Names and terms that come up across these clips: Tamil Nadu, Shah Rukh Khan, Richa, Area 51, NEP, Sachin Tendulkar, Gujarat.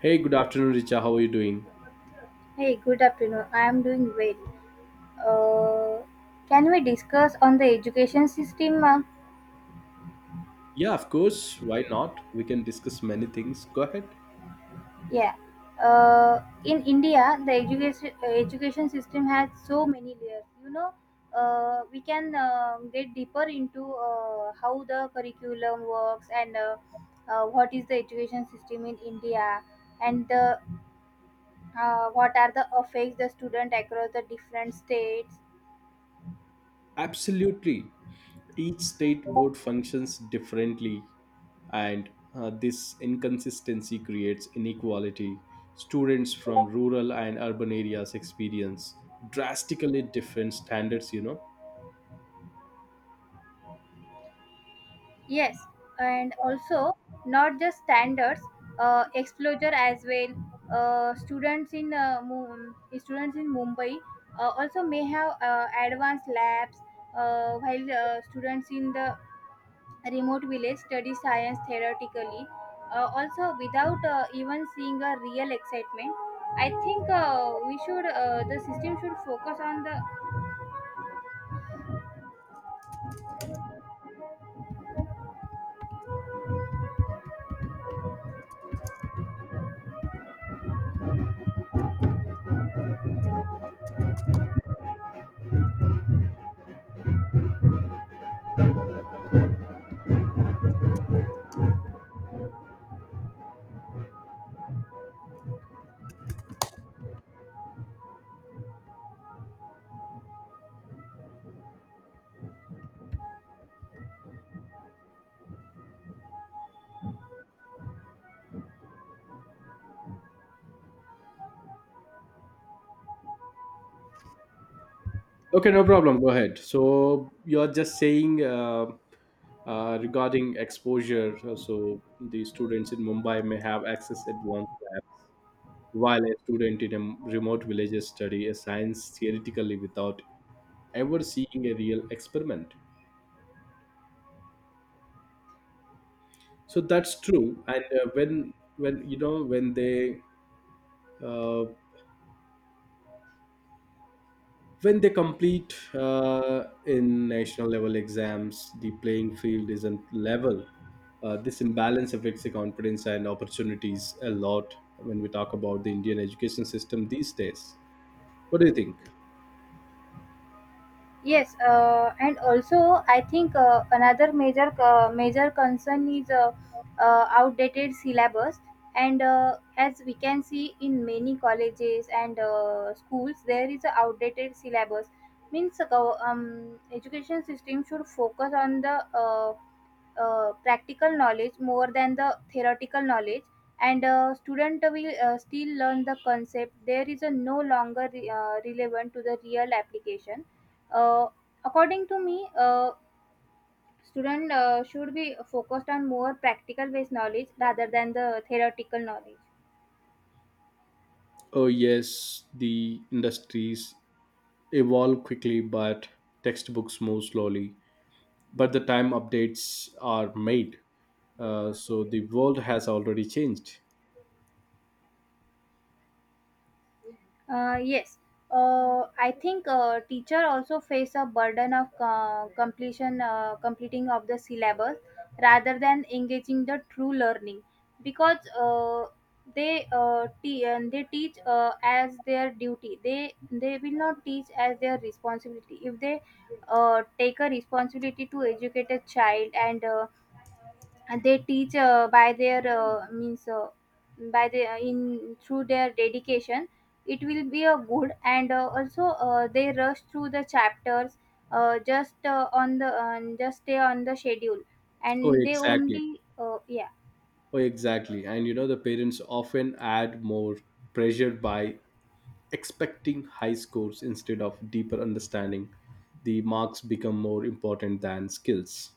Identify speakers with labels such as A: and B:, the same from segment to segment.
A: Hey, good afternoon, Richa. How are you doing?
B: Hey, good afternoon. I am doing well. Uh, can we discuss on the education system?
A: Yeah, of course. Why not? We can discuss many things. Go ahead.
B: Yeah. In India, the education system has so many layers. We can get deeper into how the curriculum works, and what is the education system in India, and the, what are the effects the student across the different states.
A: Absolutely. Each state board functions differently, and this inconsistency creates inequality. Students from rural and urban areas experience drastically different standards.
B: Yes, and also not just standards, exposure as well. Uh, students in uh, Mu- Students in Mumbai also may have advanced labs, while students in the remote village study science theoretically. Also, without even seeing a real excitement, I think we should the system should focus on the.
A: Okay, no problem. Go ahead. So you're just saying regarding exposure, so the students in Mumbai may have access at one while a student in a remote village study a science theoretically without ever seeing a real experiment, so that's true. And when you know uh, when they complete in national level exams, the playing field isn't level. This imbalance affects the confidence and opportunities a lot when we talk about the Indian education system these days. What do you think?
B: Yes, and also I think another major concern is outdated syllabus. And as we can see in many colleges and schools, there is a outdated syllabus. Education system should focus on the practical knowledge more than the theoretical knowledge, and student will still learn the concept there is a no longer relevant to the real application. uh, According to me, student should be focused on more practical based knowledge rather than the theoretical knowledge.
A: Oh yes, the industries evolve quickly, but textbooks move slowly. But the time updates are made, so the world has already changed.
B: Uh, yes, I think teacher also face a burden of completing of the syllabus rather than engaging the true learning, because they teach as their duty. They will not teach as their responsibility. If they take a responsibility to educate a child, and they teach by their means by the in through their dedication, it will be a good. And also they rush through the chapters, just stay on the schedule,
A: Oh,
B: and they
A: exactly.
B: only yeah.
A: Oh, exactly. And the parents often add more pressure by expecting high scores instead of deeper understanding. The marks become more important than skills.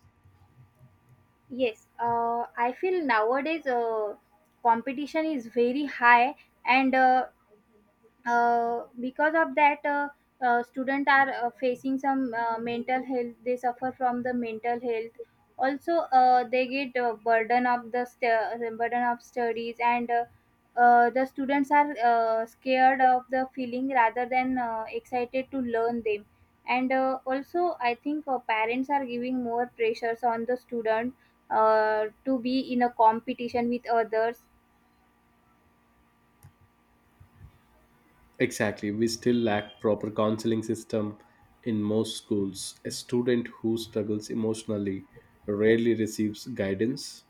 B: Yes, I feel nowadays competition is very high, and because of that students are facing some mental health they suffer from the mental health. Also, they get burden of studies, and the students are scared of the feeling rather than excited to learn them. And also I think parents are giving more pressures on the student to be in a competition with others.
A: Exactly. We still lack proper counseling system in most schools. A student who struggles emotionally rarely receives guidance.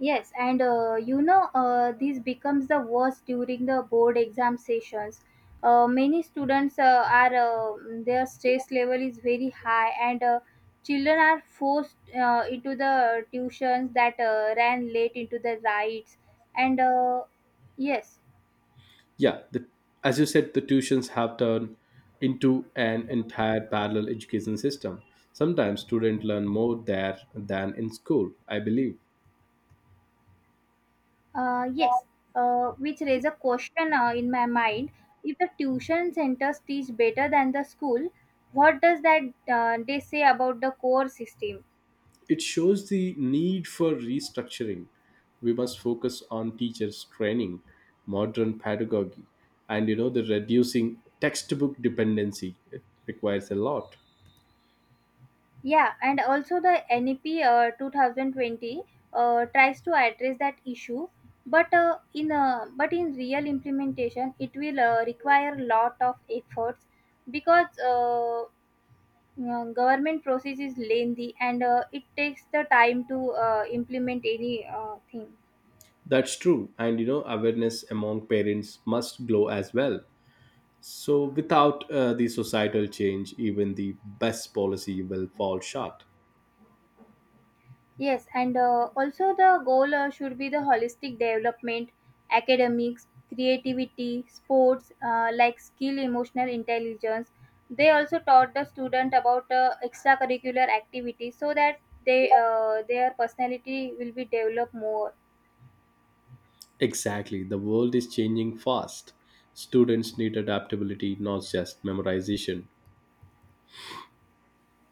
B: Yes, and this becomes the worst during the board exam sessions. Many students their stress level is very high, and children are forced into the tuitions that ran late into the rides. And uh, yes,
A: Yeah, as you said, the tuitions have turned into an entire parallel education system. Sometimes students learn more there than in school, I believe.
B: uh, yes, which raise a question in my mind. If the tuition centers teach better than the school, what does that they say about the core system?
A: It shows the need for restructuring. We must focus on teachers' training, modern pedagogy, and the reducing textbook dependency. It requires a lot.
B: Yeah, and also the NEP 2020 tries to address that issue, but in but in real implementation, it will require a lot of efforts, because you know, government process is lengthy, and it takes the time to implement any thing.
A: That's true, and awareness among parents must grow as well. So without the societal change, even the best policy will fall short.
B: Yes, and also the goal should be the holistic development, academics, creativity, sports, like skill, emotional intelligence. They also taught the student about extracurricular activities, so that they their personality will be developed more.
A: Exactly. The world is changing fast. Students need adaptability, not just memorization.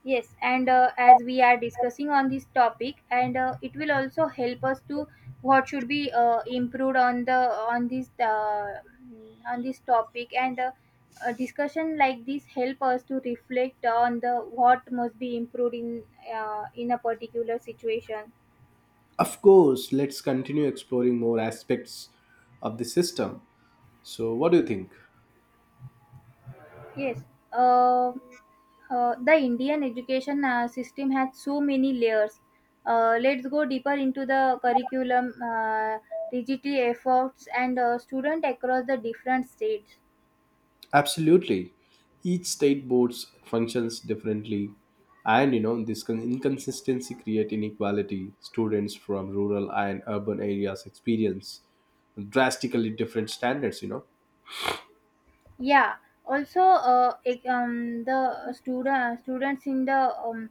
B: Yes, and as we are discussing on this topic, and it will also help us to what should be improved on the on this uh, on this topic, and a discussion like this help us to reflect on the what must be improved in a particular situation.
A: Of course, let's continue exploring more aspects of the system. So, what do you think?
B: Yes, uh, the Indian education system has so many layers. Let's go deeper into the curriculum, digital efforts, and student across the different states.
A: Absolutely. Each state boards functions differently, and this inconsistency create inequality. Students from rural and urban areas experience drastically different standards. You know,
B: Yeah. Also, ec- the student students in the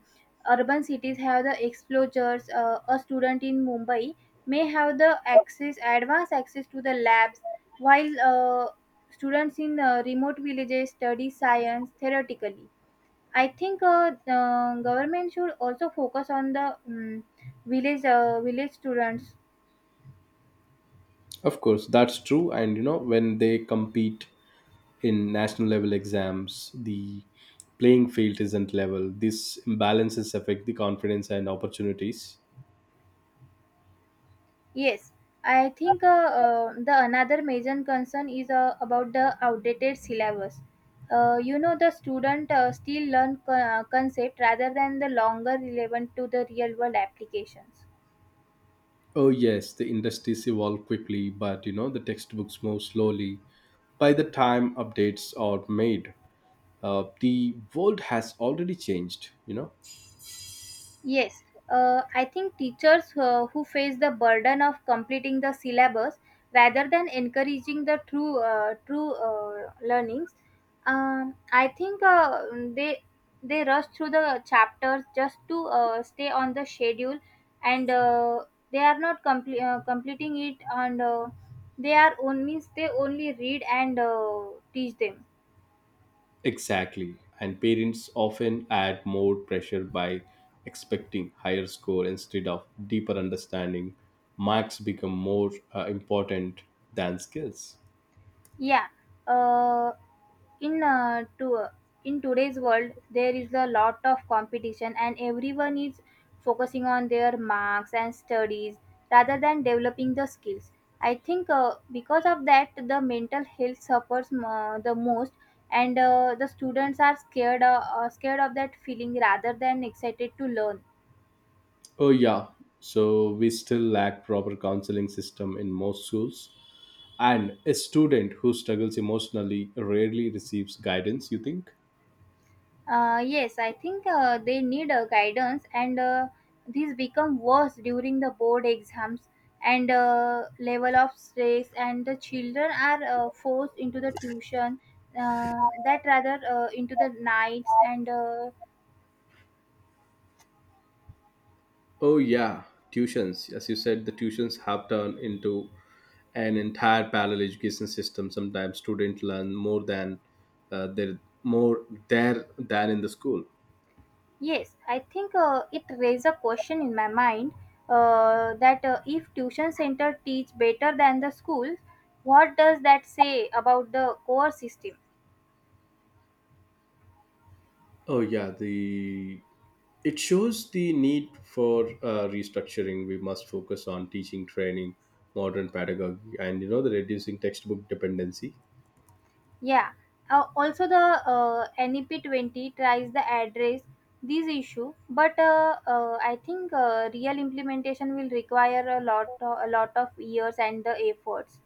B: urban cities have the exposures. A student in Mumbai may have the access, advanced access to the labs, while students in remote villages study science theoretically. I think the government should also focus on the village students.
A: of course, that's true. And when they compete in national level exams, the playing field isn't level. These imbalances affect the confidence and opportunities.
B: Yes, I think the another major concern is about the outdated syllabus. You know, the student still learn concept rather than the longer relevant to the real world applications.
A: Oh yes, the industries evolve quickly, but the textbooks move slowly. By the time updates are made, the world has already changed.
B: Yes, I think teachers who face the burden of completing the syllabus rather than encouraging the true learnings, I think they they rush through the chapters just to stay on the schedule, and they are not completing it, and they only read and teach them.
A: exactly, and parents often add more pressure by expecting higher score instead of deeper understanding. Marks become more important than skills.
B: Yeah. Uh, in uh, to in today's world there is a lot of competition, and everyone is focusing on their marks and studies rather than developing the skills. I think because of that the mental health suffers the most, and the students are scared scared of that feeling rather than excited to learn.
A: Oh yeah, so we still lack proper counseling system in most schools. And a student who struggles emotionally rarely receives guidance, you think?
B: Yes, I think they need guidance, and these become worse during the board exams, and level of stress, and the children are forced into the tuition that rather into the nights. And
A: Oh, yeah, tuitions. As you said, the tuitions have turned into an entire parallel education system. Sometimes students learn more there than in the school.
B: Yes, I think it raised a question in my mind that if tuition center teach better than the schools, what does that say about the core system?
A: Oh yeah, the It shows the need for restructuring. We must focus on teaching, training, modern pedagogy, and the reducing textbook dependency.
B: Yeah. Also, the NEP20 tries the address these issue, but I think real implementation will require a lot of years and the efforts.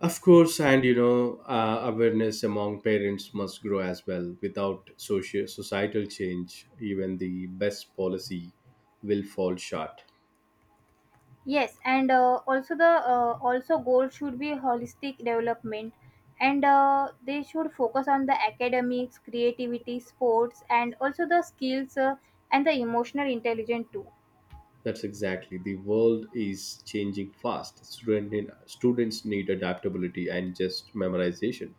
A: Of course, and awareness among parents must grow as well. Without social societal change, even the best policy will fall short.
B: Yes, and also goal should be holistic development, and they should focus on the academics, creativity, sports, and also the skills, and the emotional intelligence too.
A: That's exactly the world is changing fast. Students need adaptability and just memorization.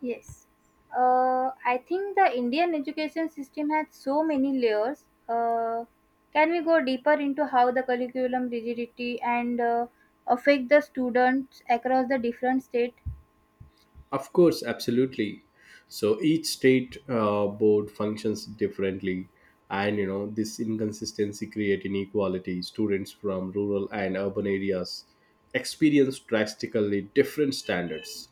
B: Yes. I think the Indian education system has so many layers. Can we go deeper into how the curriculum rigidity and affect the students across the different state?
A: Of course, absolutely. So each state board functions differently, and this inconsistency create inequality. Students from rural and urban areas experience drastically different standards.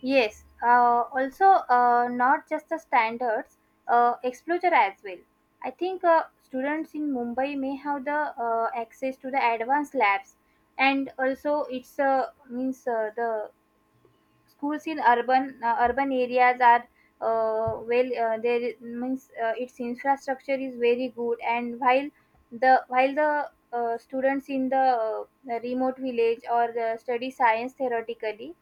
B: Yes. Also, not just the standards, exposure as well. I think students in Mumbai may have the access to the advanced labs, and also it's means the schools in urban areas are well there I- means its infrastructure is very good, and while the students in the remote village or the study science theoretically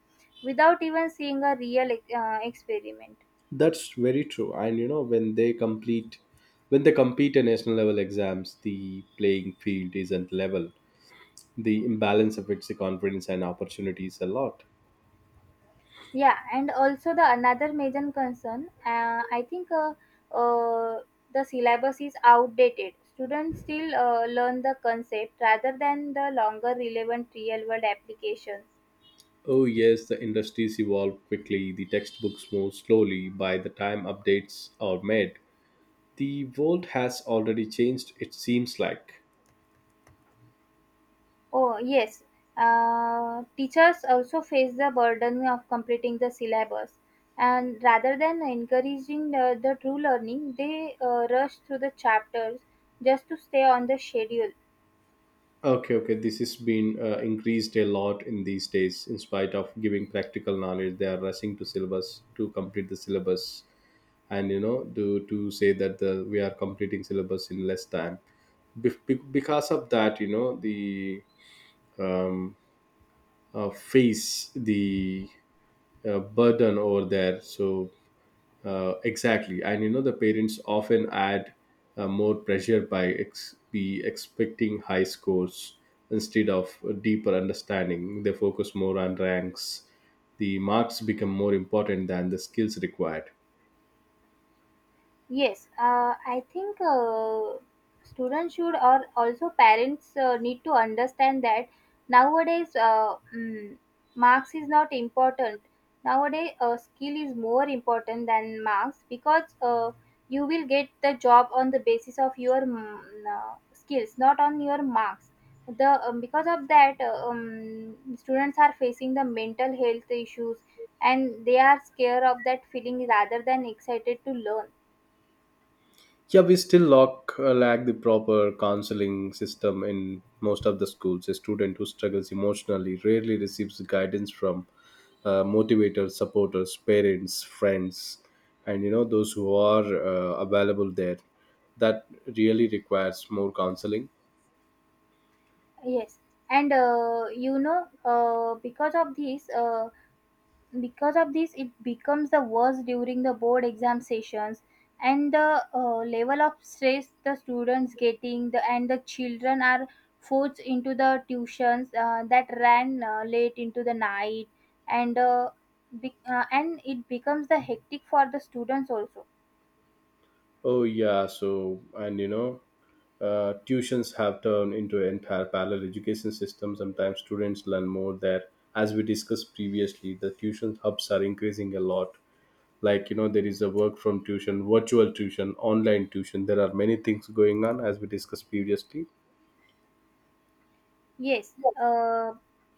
B: without even seeing a real experiment.
A: That's very true. And when they compete in national level exams, the playing field isn't level. The imbalance affects the confidence and opportunities a lot.
B: Yeah, and also the another major concern, I think uh, the syllabus is outdated. Students still learn the concept rather than the longer relevant real world application.
A: Oh, yes, the industries evolve quickly, the textbooks move slowly. By the time updates are made, the world has already changed, it seems like.
B: Oh, yes. Teachers also face the burden of completing the syllabus, and rather than encouraging the true learning, they rush through the chapters just to stay on the schedule.
A: Okay, okay, this has been increased a lot in these days. In spite of giving practical knowledge, they are rushing to syllabus to complete the syllabus, and to say that the we are completing syllabus in less time. Because of that, the um, face the burden over there. So exactly, and the parents often add more pressure by ex- be expecting high scores instead of a deeper understanding. They focus more on ranks. The marks become more important than the skills required.
B: Yes, I think students should, or also parents need to understand that nowadays marks is not important. Nowadays, skill is more important than marks, because you will get the job on the basis of your skills, not on your marks. The Because of that, students are facing the mental health issues, and they are scared of that feeling rather than excited to learn.
A: Yeah, we still lack the proper counseling system in most of the schools. A student who struggles emotionally rarely receives guidance from motivators, supporters, parents, friends, and those who are available there. That really requires more counseling.
B: Yes, and because of this, it becomes the worst during the board exam sessions, and the level of stress the students getting, the, and the children are forced into the tuitions that ran late into the night, and and it becomes the hectic for the students also.
A: Oh yeah, so and tuitions have turned into entire parallel education system. Sometimes students learn more there. As we discussed previously, the tuition hubs are increasing a lot. Like, there is a work from tuition, virtual tuition, online tuition. There are many things going on, as we discussed previously.
B: Yes, uh,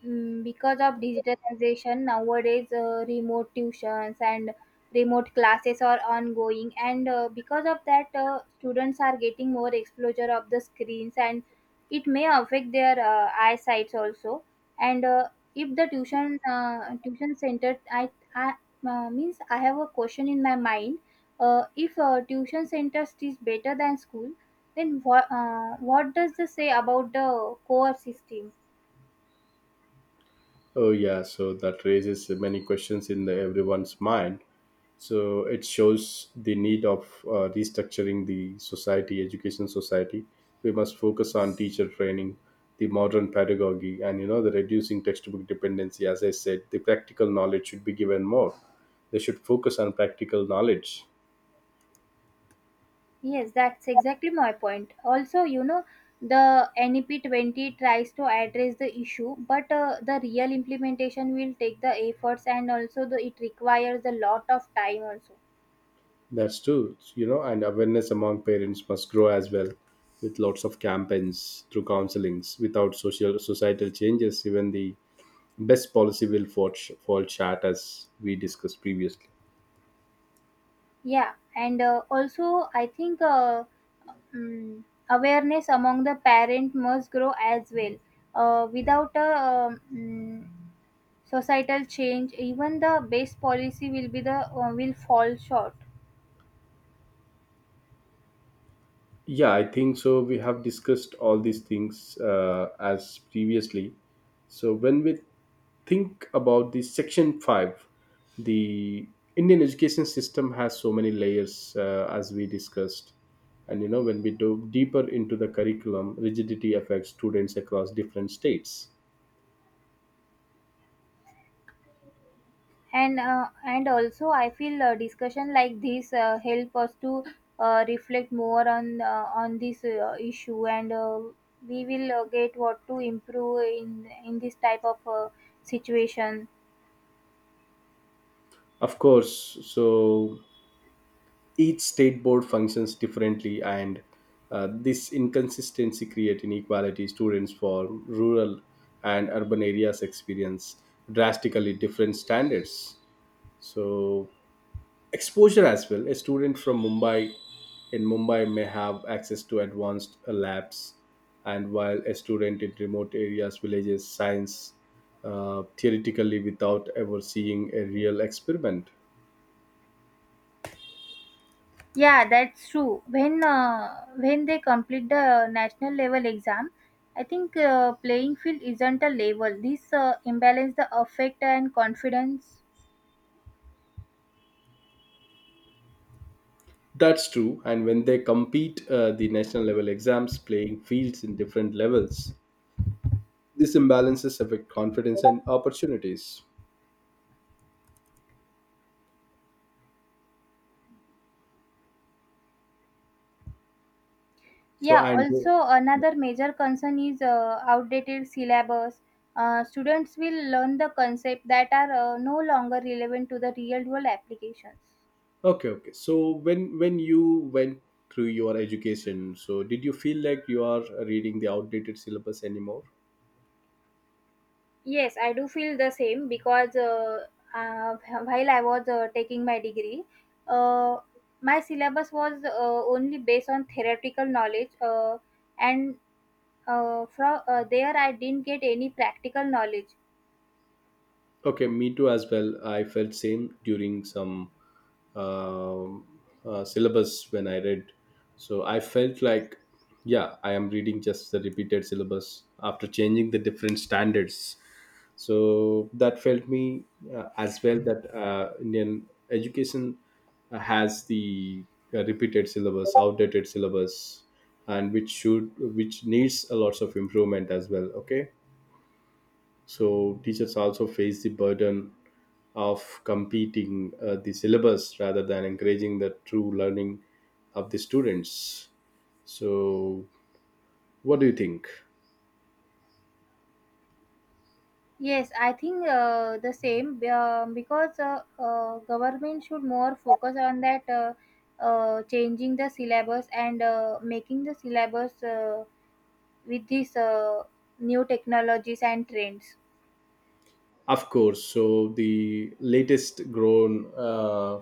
B: because of digitalization nowadays, remote tuitions and remote classes are ongoing, and because of that, students are getting more exposure of the screens, and it may affect their eyesight also. And if the tuition center, I I have a question in my mind. If tuition centers teach better than school, then what? What does this say about the core system?
A: Oh yeah, so that raises many questions in everyone's mind. So it shows the need of restructuring the society education society. We must focus on teacher training, the modern pedagogy, and the reducing textbook dependency. As I said, the practical knowledge should be given more. They should focus on practical knowledge.
B: Yes, that's exactly my point. Also, you know, the NEP 20 tries to address the issue, but the real implementation will take the efforts, and also the it requires a lot of time also.
A: That's true, and awareness among parents must grow as well with lots of campaigns through counselings. Without social societal changes, even the best policy will fall short, as we discussed previously.
B: Yeah, and also I think. Mm. Awareness among the parent must grow as well. Without a societal change, even the best policy will be the will fall short.
A: Yeah, I think so. We have discussed all these things as previously. So when we think about the section 5, the Indian education system has so many layers, as we discussed. And when we dove deeper into the curriculum rigidity affects students across different states.
B: And also, I feel discussion like this help us to reflect more on this issue, and we will get what to improve in this type of situation.
A: Of course, so each state board functions differently, and this inconsistency create inequality. Students from rural and urban areas experience drastically different standards. So, exposure as well. A student from mumbai in Mumbai may have access to advanced labs, and while a student in remote areas villages science theoretically without ever seeing a real experiment.
B: Yeah, that's true. When they complete the national level exam, I think playing field isn't a level. This imbalance the affect and confidence.
A: That's true. And when they compete the national level exams, playing fields in different levels. These imbalances affect confidence and opportunities. So
B: Yeah.
A: and
B: Also, another major concern is outdated syllabus. Students will learn the concept that are no longer relevant to the real world applications.
A: okay, okay. So when you went through your education, so did you feel like you are reading the outdated syllabus anymore?
B: Yes, I do feel the same because uh, while I was taking my degree, uh, my syllabus was only based on theoretical knowledge, and from there I didn't get any practical knowledge.
A: Okay, me too as well. I felt same during some um syllabus when I read. So I felt like, yeah, I am reading just the repeated syllabus after changing the different standards. So that felt me as well that Indian education has the repeated syllabus, outdated syllabus, and which needs a lots of improvement as well. Okay, so teachers also face the burden of competing the syllabus rather than encouraging the true learning of the students. So what do you think?
B: Yes, I think the same because government should more focus on that changing the syllabus and making the syllabus with these new technologies and trends.
A: Of course. So the latest grown uh,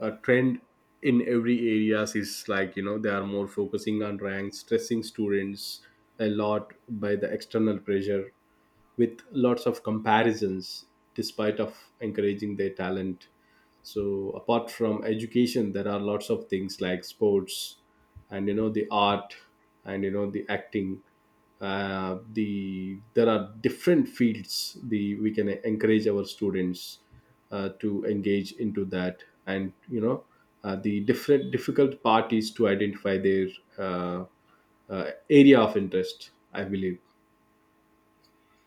A: uh, trend in every areas is like they are more focusing on ranks, stressing students a lot by the external pressure with lots of comparisons, despite of encouraging their talent. So apart from education, there are lots of things like sports, and the art, and the acting. There are different fields, the we can encourage our students to engage into that. And the different difficult part is to identify their uh, area of interest, I believe.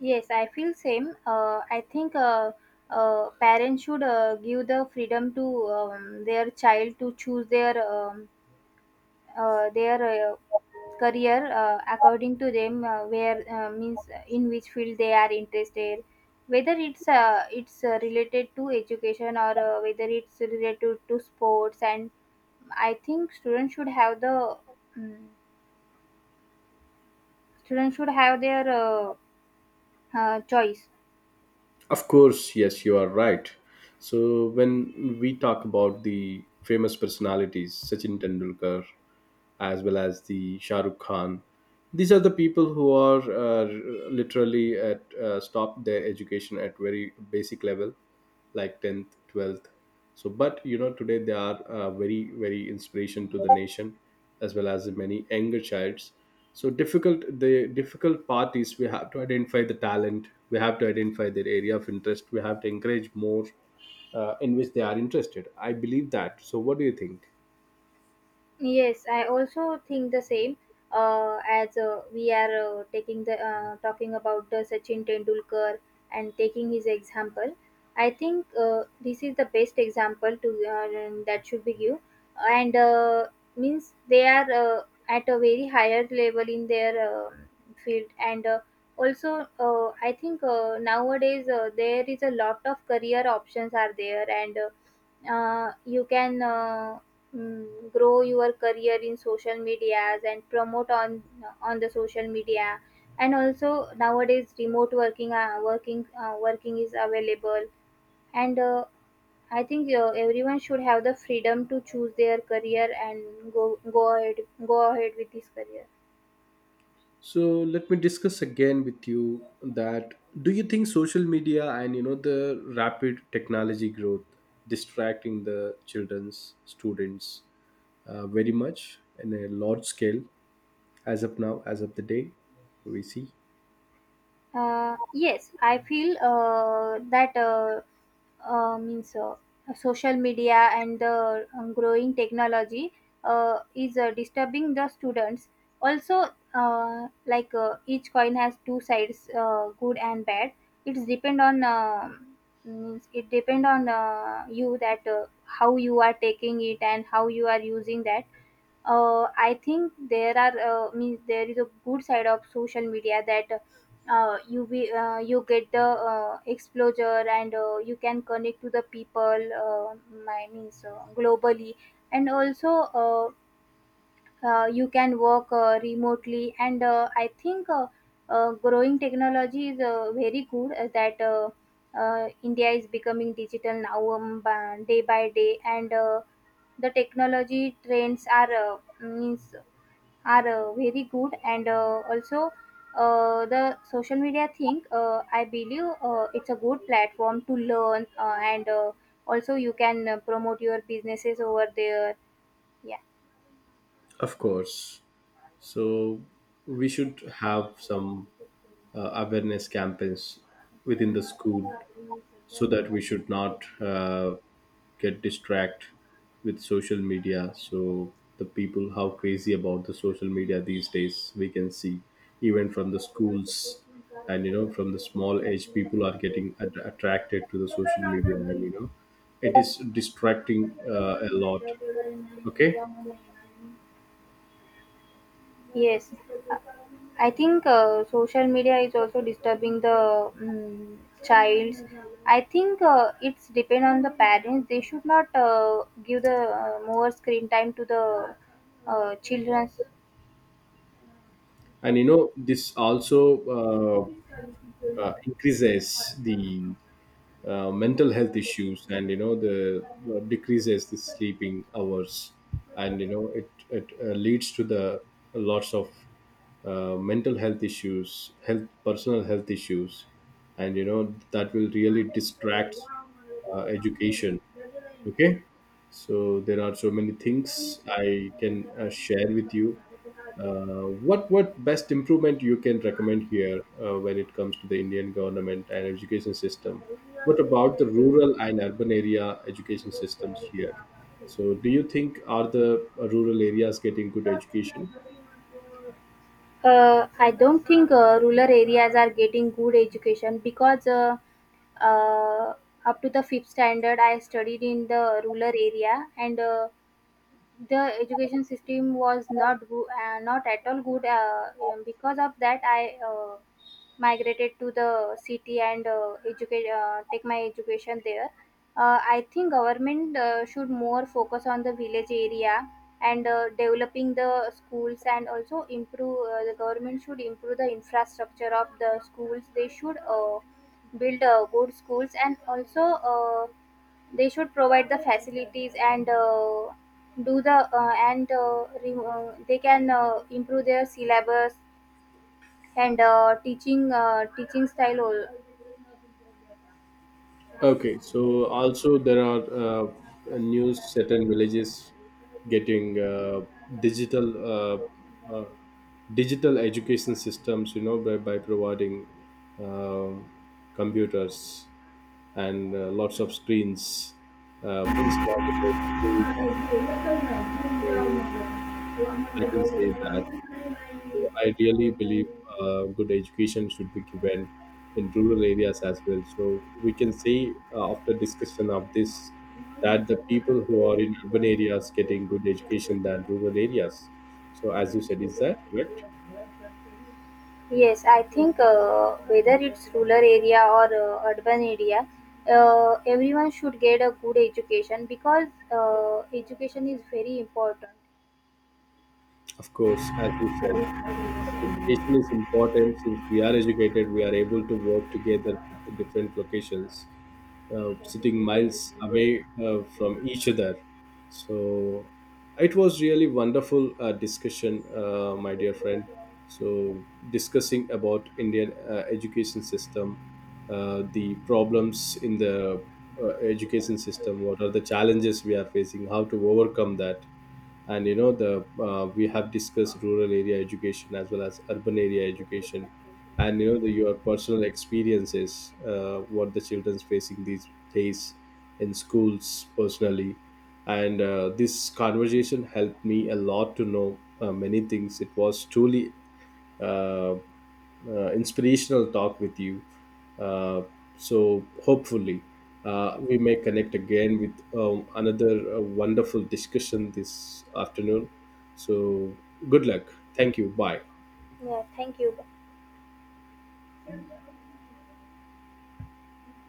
B: Yes, I feel same. I think parents should give the freedom to their child to choose their uh, their uh, career according to them where means in which field they are interested, whether it's related to education or whether it's related to sports. And I think students should have the um, students should have their choice.
A: Of course, yes, you are right. So when we talk about the famous personalities, Sachin Tendulkar, as well as the Shah Rukh Khan, these are the people who are literally at stop their education at very basic level, like 10th, 12th. So, but today they are very, very inspiration to the nation, as well as the many younger childs. So difficult the difficult part is we have to identify the talent, we have to identify their area of interest, we have to encourage more in which they are interested. I believe that. So what do you think?
B: Yes, I also think the same. As we are taking the Talking about the Sachin Tendulkar and taking his example, I think this is the best example to that should be given. And means they are at a very higher level in their uh, field. And also, I think nowadays there is a lot of career options are there and you can grow your career in social medias and promote on the social media and also nowadays remote working is available and I think everyone should have the freedom to choose their career and go ahead with this career.
A: So let me discuss again with you that do you think social media and the rapid technology growth distracting the children's students very much in a large scale as of now, as of the day we see.
B: Yes, I feel that means social media and the growing technology is disturbing the students. Also, each coin has two sides, good and bad. It's depend on uh, it depend on you that how you are taking it and how you are using that. I think there are means there is a good side of social media that you get the exposure and you can connect to the people. I means Globally, and also you can work remotely. And I think growing technology is very good that. India is becoming digital now day by day, and the technology trends are means are very good and also the social media thing I believe it's a good platform to learn and also you can promote your businesses over there, yeah.
A: Of course. So we should have some awareness campaigns within the school so that we should not get distract with social media. So the people how crazy about the social media these days we can see even from the schools, and from the small age people are getting attracted to the social media, and it is distracting a lot. Okay.
B: Yes. Uh, I think social media is also disturbing the um, child's. I think it's depend on the parents. They should not give the more screen time to the children.
A: And this also increases the mental health issues, and you know the decreases the sleeping hours, and it leads to the lots of mental health issues, health, personal health issues, and that will really distract education. Okay. So there are so many things I can share with you. Uh, what what best improvement you can recommend here when it comes to the Indian government and education system? What about the rural and urban area education systems here? So do you think are the rural areas getting good education?
B: I don't think rural areas are getting good education because uh, up to the fifth standard, I studied in the rural area and the education system was not good, not at all good. Because of that, I migrated to the city and educate take my education there. I think government should more focus on the village area and developing the schools and also improve. The government should improve the infrastructure of the schools. They should. Build good schools and also they should provide the facilities and do the and re- they can improve their syllabus and teaching style al-.
A: Okay, so also there are new certain villages getting digital uh, uh, digital education systems. By providing um, computers and lots of screens installed in the schools. So I can say that so I really believe good education should be given in rural areas as well. So we can say after discussion of this that the people who are in urban areas getting good education than rural areas. So as you said, is that correct?
B: Yes, I think whether it's rural area or urban area, everyone should get a good education because education is very important.
A: Of course, as you said, education is important. Since we are educated, we are able to work together with the different locations sitting miles away from each other. So it was really wonderful discussion, my dear friend. So discussing about Indian education system, the problems in the education system, what are the challenges we are facing, how to overcome that. And you know the we have discussed rural area education as well as urban area education, and your personal experiences, what the children's facing these days in schools personally. And this conversation helped me a lot to know many things. It was truly uh, inspirational talk with you. Uh, so hopefully we may connect again with another wonderful discussion this afternoon. So good luck. Thank you. Bye.
B: Yeah, thank you.